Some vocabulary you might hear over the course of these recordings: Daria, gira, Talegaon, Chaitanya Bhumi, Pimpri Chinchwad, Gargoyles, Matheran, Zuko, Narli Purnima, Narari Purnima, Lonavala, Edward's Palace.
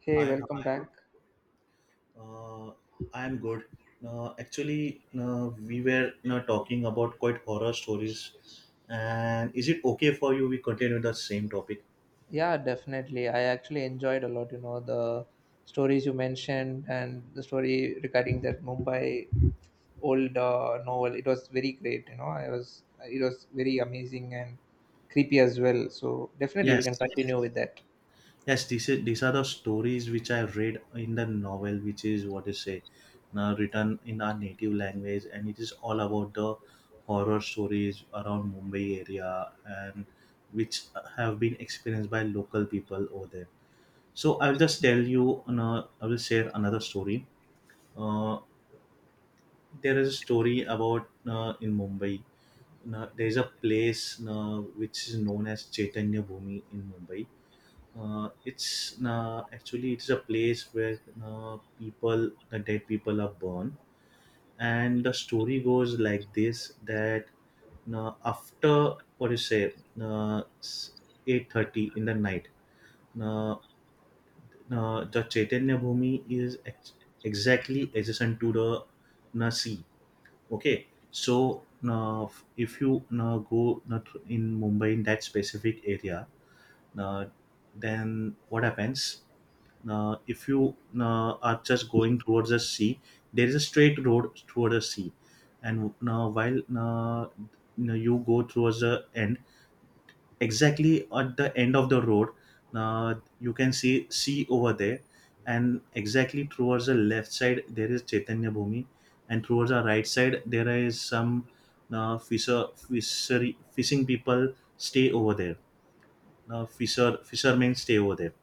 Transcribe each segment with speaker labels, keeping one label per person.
Speaker 1: Hey,
Speaker 2: Hi, how are
Speaker 1: welcome back.
Speaker 2: you? Uh, I am good. We were talking about quite horror stories, and is it okay for you we continue the same topic?
Speaker 1: Yeah, definitely. I actually enjoyed a lot, you know, the stories you mentioned and the story regarding that Mumbai old novel. It was very great, you know. I was It was very amazing and creepy as well. So definitely we can
Speaker 2: Yes,
Speaker 1: continue with that.
Speaker 2: yes. This is these are the stories which I read in the novel, which is what is say, now written in our native language, and it is all about the horror stories around Mumbai area and which have been experienced by local people over there. So I'll just tell you. I will share another story. Uh, there is a story about in Mumbai. There is a place which is known as Chaitanya Bhumi in Mumbai. It's Actually it is a place where people, the dead people, are born. And the story goes like this: that after what do you say, uh, 8:30 in the night, uh, the Chaitanya Bhumi exactly adjacent to the sea. Okay, so now if you now go in Mumbai in that specific area, na, then what happens? Now, if you now are just going towards the sea, there is a straight road towards the sea, and now while now you go towards the end, exactly at the end of the road you can see sea over there, and exactly towards the left side there is chaitanya bhumi, and towards the right side there is some fisher fishery fishing people stay over there, fishermen stay over there.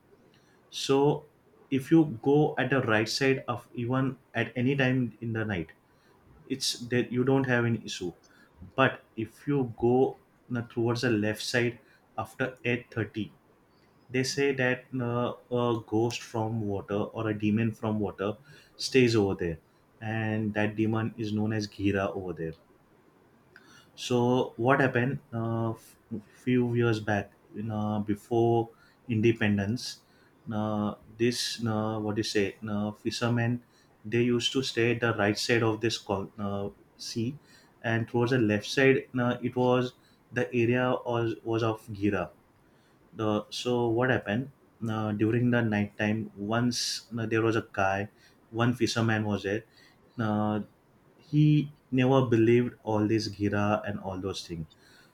Speaker 2: So if you go at the right side of even at any time in the night, it's that you don't have any issue, but if you go towards the left side after 8:30, they say that a ghost from water or a demon from water stays over there, and that demon is known as ghira over there. So what happened few years back, you know, before independence, this what do you say fishermen, they used to stay at the right side of this sea, and towards the left side it was, the area was of gira. So what happened during the night time? Once there was a guy, one fisherman was there. Uh, he never believed all this gira and all those things.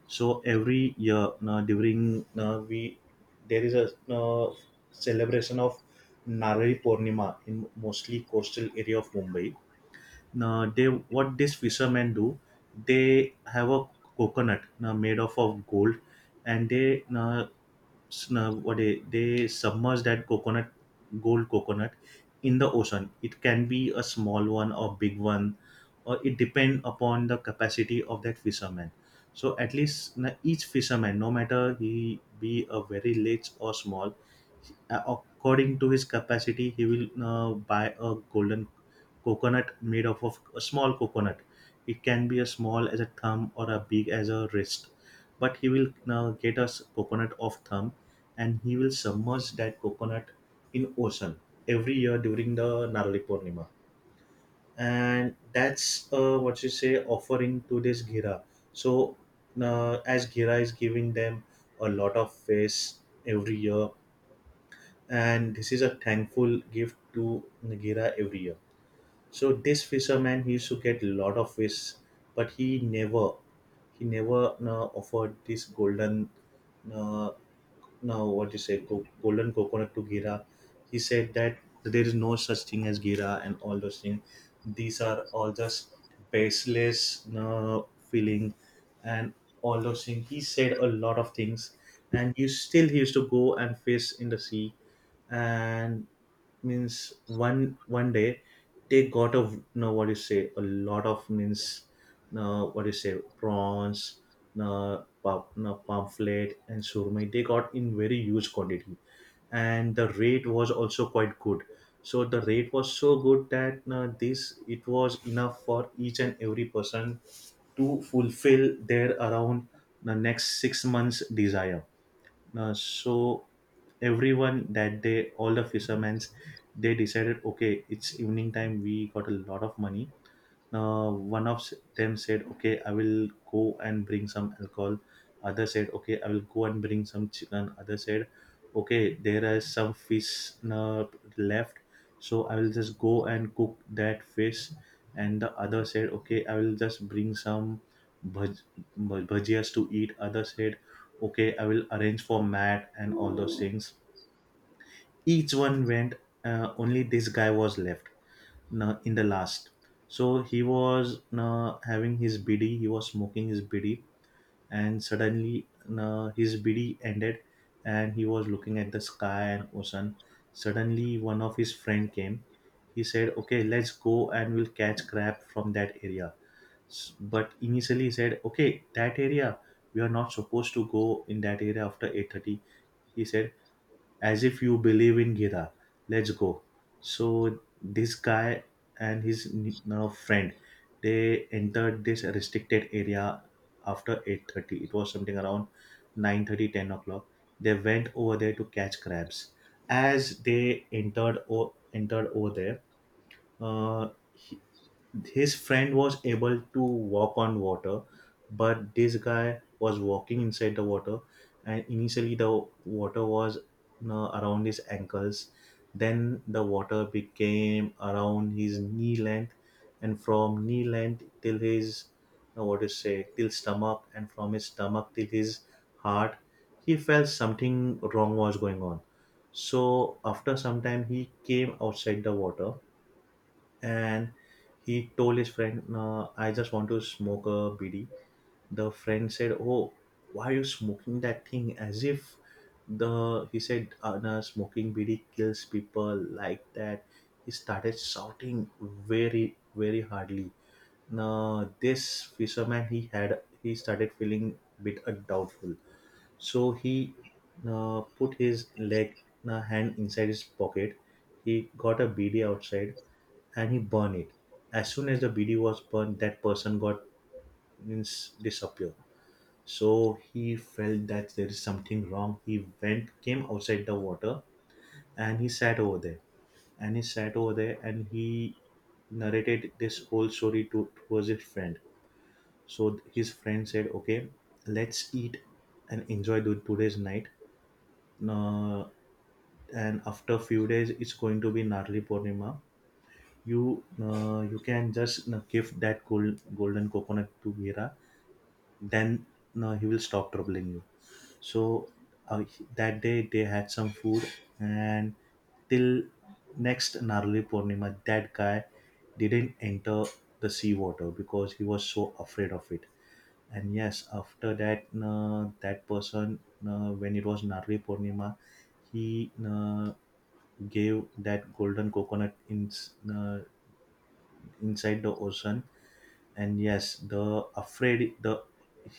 Speaker 2: So every year during we there is a celebration of Narari Purnima in mostly coastal area of Mumbai. Now they, what these fishermen do, they have a coconut made of gold, and they sn- what they submerge that coconut, gold coconut, in the ocean. It can be a small one or big one, or it depend upon the capacity of that fisherman. So at least each fisherman, no matter he be a very large or small, according to his capacity he will buy a golden coconut made up of a small coconut. It can be as small as a thumb or a big as a wrist. But he will now get us coconut of thumb, and he will submerge that coconut in ocean every year during the Narali Purnima. And that's what you say offering to this Gira. So as Gira is giving them a lot of face every year, and this is a thankful gift to Gira every year. So this fisherman he used to get lot of fish, but he never offered this golden uh, now what you say co- golden coconut to gira. He said that there is no such thing as gira and all those things, these are all just baseless feeling, and all those things. He said a lot of things, and you still he used to go and fish in the sea. And means one day they got a, no what you say a lot of, means, no what you say prawns, no, pam, no pamphlet and surmai, they got in very huge quantity, and the rate was also quite good. So the rate was so good that this, it was enough for each and every person to fulfill their around the next 6 months desire. So everyone that day, all the fishermen, they decided, okay, it's evening time. We got a lot of money. One of them said, okay, I will go and bring some alcohol. Other said, okay, I will go and bring some chicken. Other said, okay, there is some fish left, so I will just go and cook that fish. And the other said, okay, I will just bring some bhaj- bhajias to eat. Other said, okay, I will arrange for mat and all those things. Each one went. Only this guy was left, no, in the last. So he was, no, having his bidi, he was smoking his bidi, and suddenly, no, his bidi ended, and he was looking at the sky and ocean. Suddenly, one of his friend came. He said, "Okay, let's go and we'll catch crab from that area." But initially, he said, "Okay, that area we are not supposed to go in that area after 8:30." He said, as if you believe in Gira. Let's go. So this guy and his friend, they entered this restricted area after 8:30. It was something around 9:30, 10 o'clock. They went over there to catch crabs. As they entered over there, uh, his friend was able to walk on water, but this guy was walking inside the water. And initially the water was, you know, around his ankles, then the water became around his knee length, and from knee length till his what to say till stomach, and from his stomach till his heart, he felt something wrong was going on. So after some time he came outside the water, and he told his friend, "I just want to smoke a BD." The friend said, "Oh, why are you smoking that thing?" As if the he said, no, "Smoking BD kills people like that." He started shouting very hardly. Now this fisherman he started feeling bit doubtful. So he put his leg hand inside his pocket. He got a bidi outside and he burned it. As soon as the bidi was burned, that person got, means, disappear. So he felt that there is something wrong. He went, came outside the water, and he sat over there. And he sat over there, and he narrated this whole story to towards his friend. So his friend said, "Okay, let's eat and enjoy the, today's night. Uh, and after few days it's going to be Narli Purnima. You can just give golden coconut to Gira, then he will stop troubling you." So uh, that day they had some food, and till next Narli Purnima, that guy didn't enter the sea water because he was so afraid of it. And yes, after that, that person, when it was Narli Purnima, he gave that golden coconut uh, inside the ocean. And yes, the afraid the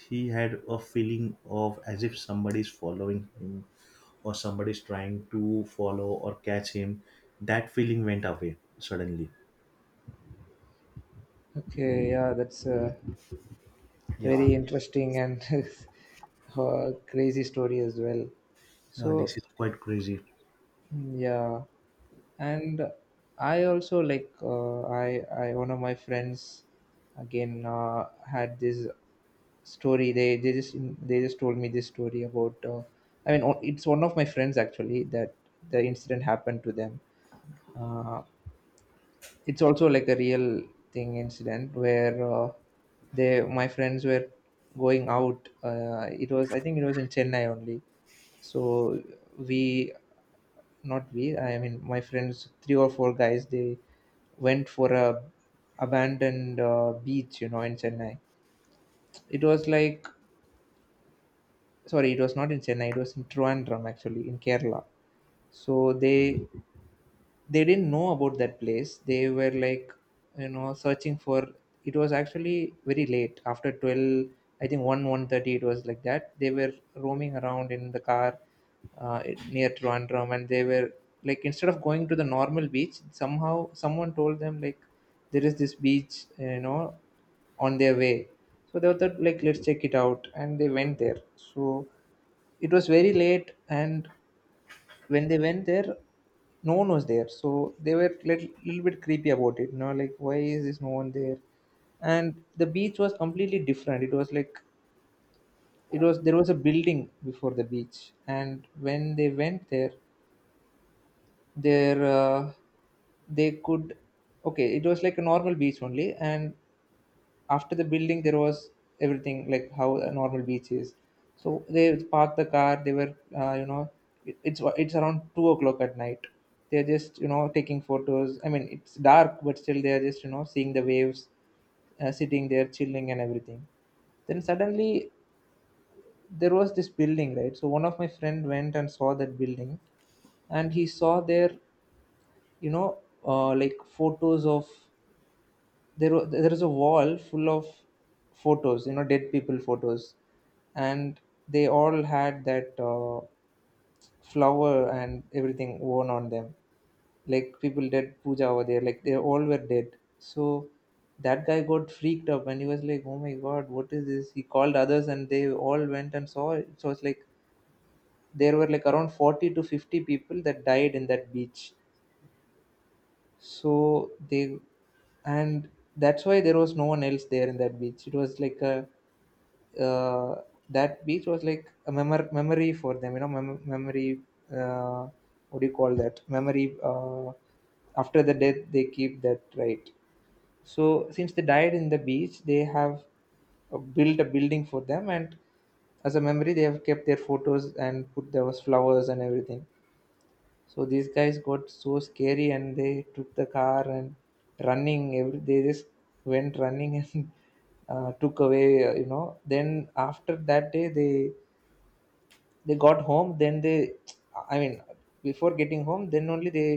Speaker 2: he had a feeling of as if somebody's following him, or somebody's trying to follow or catch him. That feeling went away suddenly.
Speaker 1: Okay, yeah, that's a
Speaker 2: Yeah.
Speaker 1: very interesting and crazy story as well.
Speaker 2: This
Speaker 1: So
Speaker 2: is quite crazy.
Speaker 1: yeah, and I also like, I one of my friends again had this story. They just told me this story about. I mean, it's one of my friends actually that the incident happened to them. Uh, it's also like a real thing incident where they, my friends were going out. It was, I think it was in Chennai only. So we not we, I mean my friends, three or four guys, they went for a abandoned beach, you know, in Chennai. It was like, sorry, it was not in Chennai, it was in Trivandrum, actually, in Kerala. So they didn't know about that place. They were like, you know, searching for, it was actually very late, after 12, I think 1, 1:30, it was like that. They were roaming around in the car, near Trivandrum, and they were like, instead of going to the normal beach, somehow someone told them like there is this beach, you know, on their way. So they thought like, let's check it out, and they went there. So it was very late, and when they went there, no one was there, so they were little bit creepy about it, you know, like why is this no one there. And the beach was completely different. It was like, it was there was a building before the beach, and when they went there, there they could okay, it was like a normal beach only, and after the building there was everything like how a normal beach is. So they parked the car, they were you know, it's around 2 o'clock at night. They're just, you know, taking photos, I mean it's dark, but still they're just, you know, seeing the waves, sitting there, chilling and everything. Then suddenly there was this building, right? So one of my friend went and saw that building, and he saw there, you know, like photos of, there is a wall full of photos, you know, dead people photos. And they all had that flower and everything worn on them, like people did puja over there, like they all were dead. So that guy got freaked up and he was like, oh my god, what is this. He called others and they all went and saw it. So it's like there were like around 40 to 50 people that died in that beach. So they, and that's why there was no one else there in that beach. It was like a uh, that beach was like a memory for them. You know, memory. Uh, what do you call that? Memory. After the death, they keep that, right? So since they died in the beach, they have built a building for them, and as a memory, they have kept their photos and put those flowers and everything. So these guys got so scary and they took the car and running. They just went running and took away. You know. Then after that day, they got home, then they, I mean before getting home, then only they,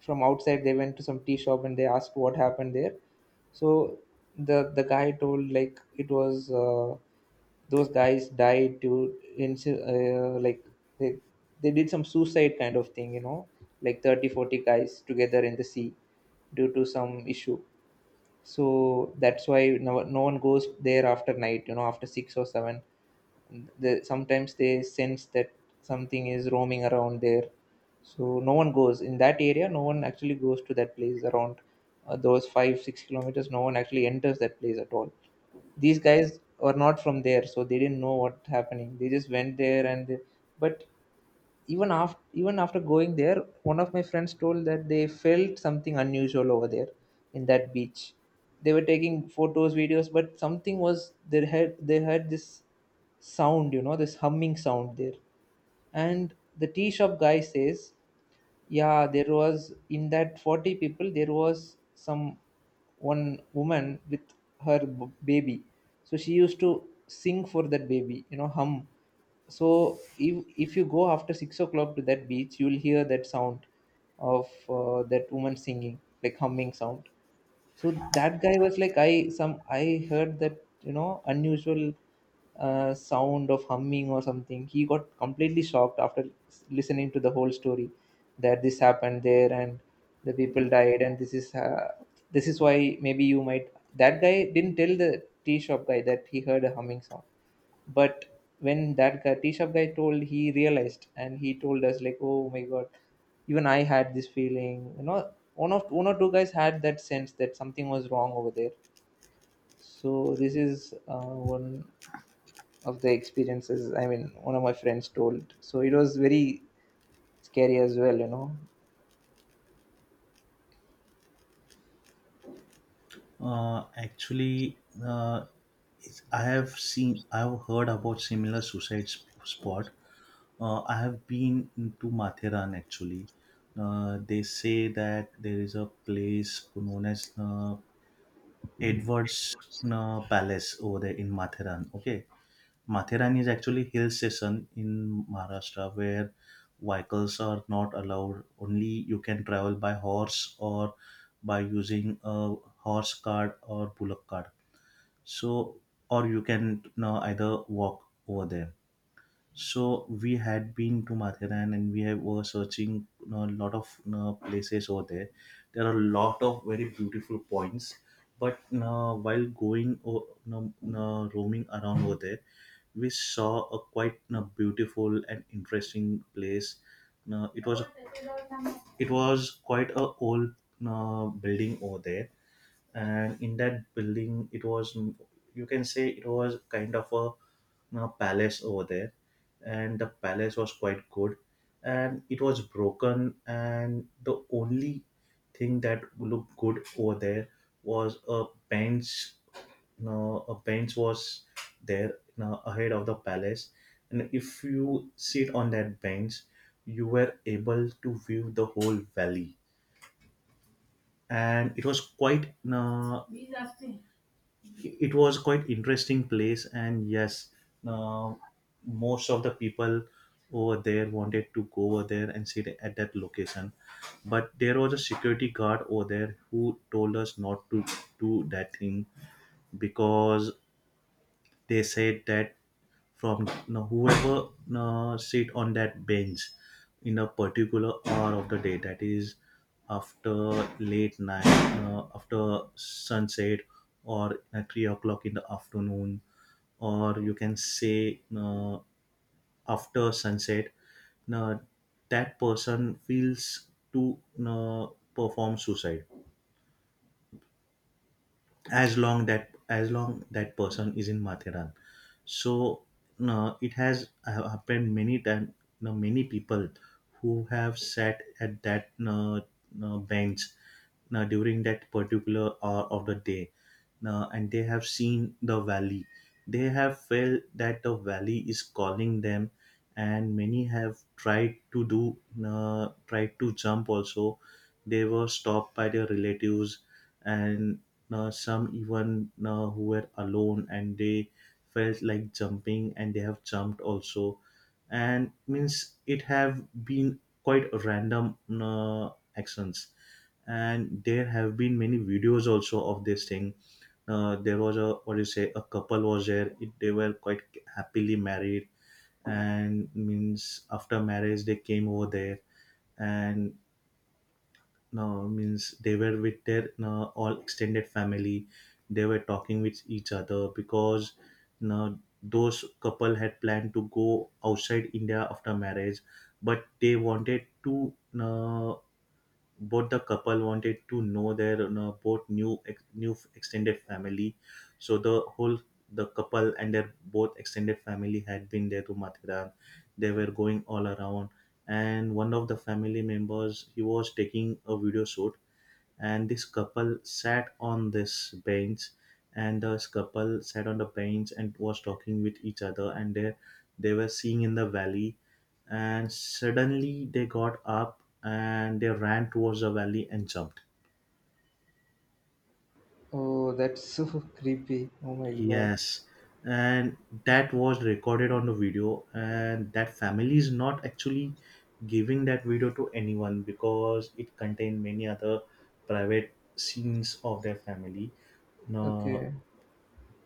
Speaker 1: from outside, they went to some tea shop and they asked what happened there. So the guy told like it was those guys died to, like they they did some suicide kind of thing, you know, like 30 40 guys together in the sea due to some issue. So that's why no, no one goes there after night, you know, after 6 or 7. The sometimes they sense that something is roaming around there, so no one goes in that area, no one actually goes to that place around those 5 6 km. No one actually enters that place at all. These guys were not from there, so they didn't know what happening, they just went there, and they, but even after, even after going there, one of my friends told that they felt something unusual over there in that beach. They were taking photos, videos, but something was, they had this sound, you know, this humming sound there. And the tea shop guy says, yeah, there was in that 40 people, there was some one woman with her baby. So she used to sing for that baby, you know, hum. So if you go after 6 o'clock to that beach, you'll hear that sound of that woman singing, like humming sound. So that guy was like, I some, I heard that, you know, unusual sound of humming or something. He got completely shocked after listening to the whole story, that this happened there and the people died. And this is why maybe you might, that guy didn't tell the tea shop guy that he heard a humming sound, but when that guy t-shirt guy told, he realized and he told us like, oh my god, even I had this feeling, you know, one or two guys had that sense that something was wrong over there. So this is one of the experiences, I mean one of my friends told, so it was very scary as well, you know.
Speaker 2: uh, actually uh, I have seen I've heard about similar suicide spot. I have been to Matheran actually. They say that there is a place known as Edward's Palace over there in Matheran. Okay, Matheran is actually hill station in Maharashtra where vehicles are not allowed. Only you can travel by horse or by using a horse cart or bullock cart. So, or you can either walk over there. So we had been to Mathiran and were searching, you know, a lot of, you know, places over there. There are a lot of very beautiful points. But you know, while going, or you know, roaming around over there, we saw a quite, you know, beautiful and interesting place. You know, it was quite a old building over there, and in that building it was, you can say, it was kind of a palace over there. And the palace was quite good, and it was broken, and the only thing that looked good over there was a bench. You A bench was there, you ahead of the palace, and if you sit on that bench, you were able to view the whole valley. And it was quite you it was quite interesting place. And yes, uh, most of the people over there wanted to go over there and sit at that location, but there was a security guard over there who told us not to do that thing, because they said that from whoever sit on that bench in a particular hour of the day, that is after late night, after sunset, or at 3 o'clock in the afternoon, or you can say after sunset, uh, that person feels to uh, perform suicide as long that person is in Matheran. So no, it has happened many times. No, many people who have sat at that, no, no, bench, no, during that particular hour of the day, no, and they have seen the valley. They have felt that the valley is calling them, and many have tried to do no, tried to jump. Also, they were stopped by their relatives, and now, some even now who were alone and they felt like jumping and they have jumped also. And means it have been quite random actions. And there have been many videos also of this thing. There was a, what do you say, a couple was there. They were quite happily married, and means after marriage they came over there, and means they were with their all extended family, they were talking with each other, because uh, those couple had planned to go outside India after marriage, but they wanted to uh, both the couple wanted to know their both new new extended family. So the whole the couple and their both extended family had been there to Mathura. They were going all around, and one of the family members, he was taking a video shoot, and this couple sat on this bench, and this couple sat on the bench and was talking with each other, and they were seeing in the valley, and suddenly they got up and they ran towards the valley and jumped.
Speaker 1: Oh, that's so creepy, oh my god.
Speaker 2: Yes, and that was recorded on the video, and that family is not actually giving that video to anyone because it contained many other private scenes of their family. No,
Speaker 1: Okay,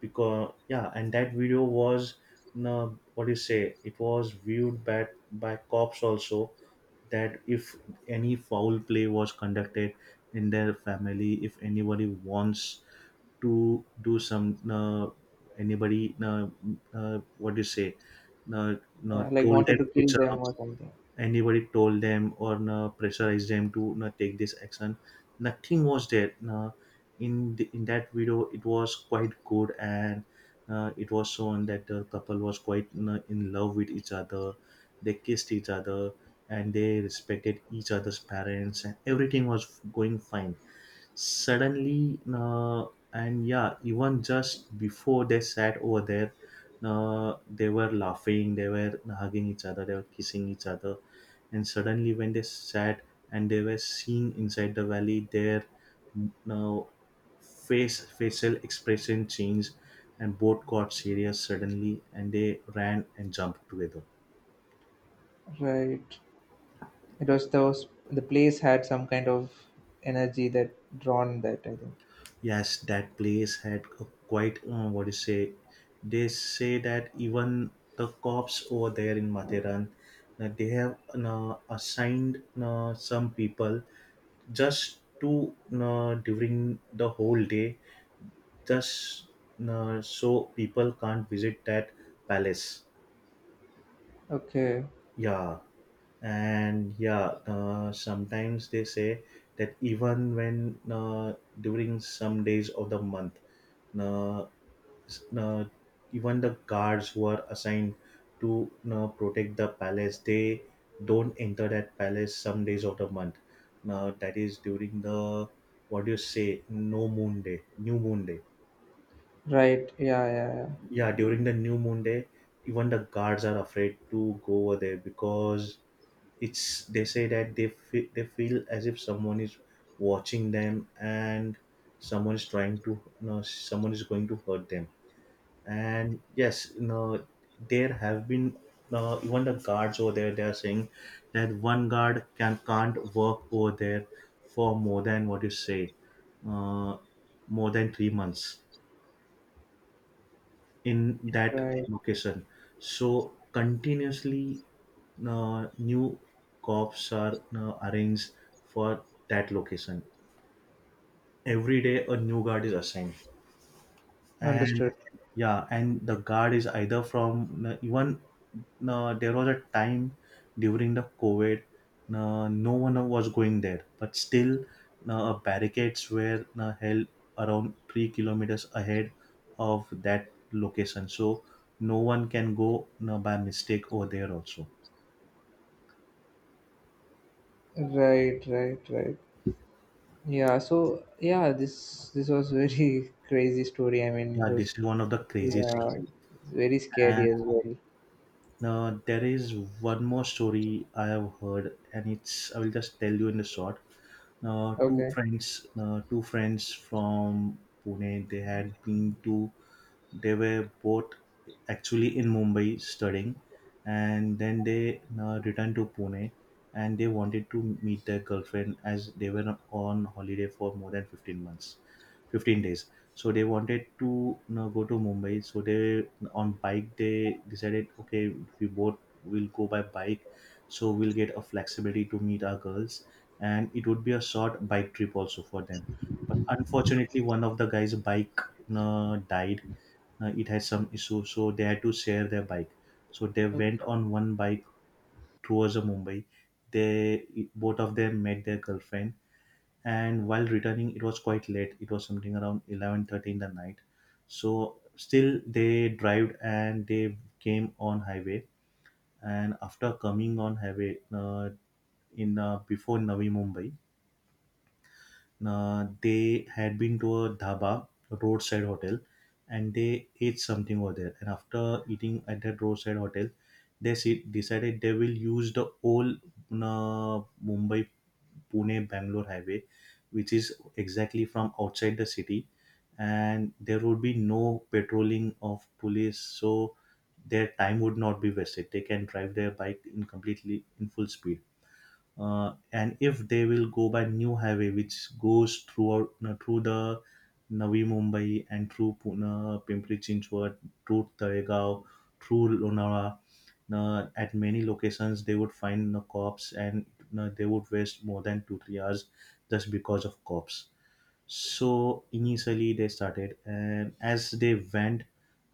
Speaker 2: because yeah, and that video was, uh, what do you say, it was viewed by cops also, that if any foul play was conducted in their family, if anybody wants to do some, anybody, what do you say, uh,
Speaker 1: yeah, like
Speaker 2: told
Speaker 1: wanted
Speaker 2: them
Speaker 1: to
Speaker 2: to,
Speaker 1: kill them or something.
Speaker 2: anybody told them or, no, pressurized them to, no, take this action, nothing was there, no. In that video it was quite good, and it was shown that the couple was quite, no, in love with each other, they kissed each other and they respected each other's parents and everything was going fine. Suddenly, and yeah, even just before they sat over there, they were laughing, they were hugging each other, they were kissing each other, and suddenly when they sat and they were seen inside the valley, their, now, face facial expression changed, and both got serious suddenly and they ran and jumped together.
Speaker 1: Right. It was, those, the place had some kind of energy that drawn that, I think.
Speaker 2: Yes, that place had a quite, what do you say? They say that even the cops over there in Matheran, that they have assigned some people just to, during the whole day, just so people can't visit that palace.
Speaker 1: Okay.
Speaker 2: Yeah, and yeah, sometimes they say that even when, during some days of the month. Uh, uh, Even the guards who are assigned to protect the palace, they don't enter that palace some days of the month, now that is during the, what do you say, no moon day new moon day.
Speaker 1: Right. Yeah, yeah,
Speaker 2: Yeah, during the new moon day even the guards are afraid to go over there, because it's, they say that they feel, as if someone is watching them, and someone is trying to, no, someone is going to hurt them. And yes, you know, there have been, even the guards over there, they are saying that one guard can't work over there for more than, what you say, uh, more than 3 months in
Speaker 1: yeah.
Speaker 2: that
Speaker 1: Right.
Speaker 2: location. So continuously new cops are arranged for that location, every day a new guard is assigned. And
Speaker 1: Understood.
Speaker 2: yeah, and the guard is either from, even, there was a time during the COVID, no one was going there, but still barricades were held around 3 kilometers ahead of that location, so no one can go by mistake over there also.
Speaker 1: Right, right, right. Yeah, so yeah, this was very crazy story. I mean, it
Speaker 2: Yeah, this
Speaker 1: was,
Speaker 2: is one of the craziest
Speaker 1: yeah,
Speaker 2: story.
Speaker 1: it's very scary
Speaker 2: And
Speaker 1: as well.
Speaker 2: there is one more story I have heard, and it's, I will just tell you in the short. Two
Speaker 1: Okay.
Speaker 2: friends, two friends from Pune, they had been to, they were both actually in Mumbai studying, and then they returned to Pune, and they wanted to meet their girlfriend as they were on holiday for more than 15 months, 15 days. So they wanted to, you know, go to Mumbai. So they, on bike they decided, okay, we both will go by bike, so we'll get a flexibility to meet our girls, and it would be a short bike trip also for them. But unfortunately, one of the guys' bike died, it had some issues, so they had to share their bike, so they went
Speaker 1: Okay.
Speaker 2: on one bike towards the Mumbai. They, both of them met their girlfriend, and while returning it was quite late, it was something around 11:30 in the night, so still they drove and they came on highway. And after coming on highway, in before Navi Mumbai, they had been to a dhaba, a roadside hotel, and they ate something over there. And after eating at that roadside hotel, they decided they will use the old Mumbai Pune Bangalore highway, which is exactly from outside the city, and there would be no patrolling of police, so their time would not be wasted. They can drive their bike in completely in full speed, and if they will go by new highway which goes throughout, you know, through the Navi Mumbai and through Pune, Pimpri Chinchwad, through Talegaon, through Lonavala, now at many locations they would find the cops and, you know, they would waste more than 2-3 hours just because of cops. So initially they started, and as they went,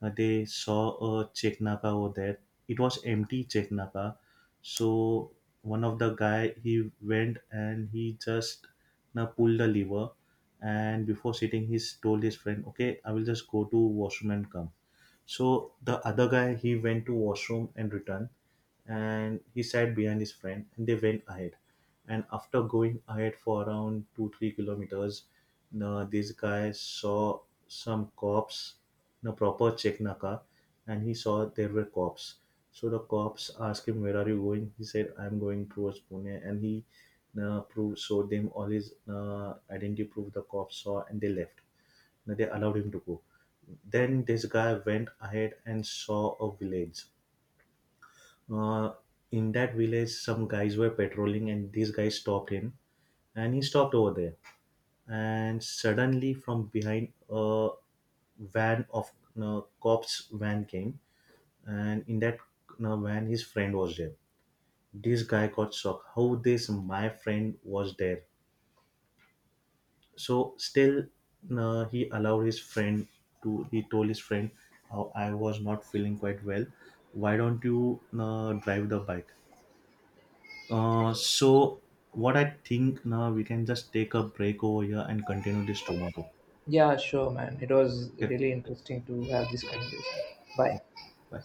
Speaker 2: they saw a Cheknaka over there. It was empty Cheknaka. So one of the guy, he went and he just, now, pulled the lever, and before sitting, he told his friend, "Okay, I will just go to washroom and come." So the other guy, he went to washroom and returned, and he sat behind his friend, and they went ahead, and after going ahead for around 2-3 kilometers, this guy saw some cops in proper Czech Naka, and he saw there were cops. So the cops asked him, where are you going? He said, I'm going towards Pune, and he proved showed them all his identity proof. The cops saw and they left. Now, they allowed him to go, then this guy went ahead and saw a village. uh, in that village some guys were patrolling and these guys stopped him, and he stopped over there, and suddenly from behind a van of cops van came, and in that van his friend was there. This guy got shocked, how this my friend was there. So still he allowed his friend to, he told his friend, how I was not feeling quite well, why don't you drive the bike. So what I think, now we can just take a break over here and continue this tomorrow.
Speaker 1: Yeah, sure, man. It was
Speaker 2: Okay.
Speaker 1: really interesting to have this
Speaker 2: Okay.
Speaker 1: conversation. Bye.
Speaker 2: Bye.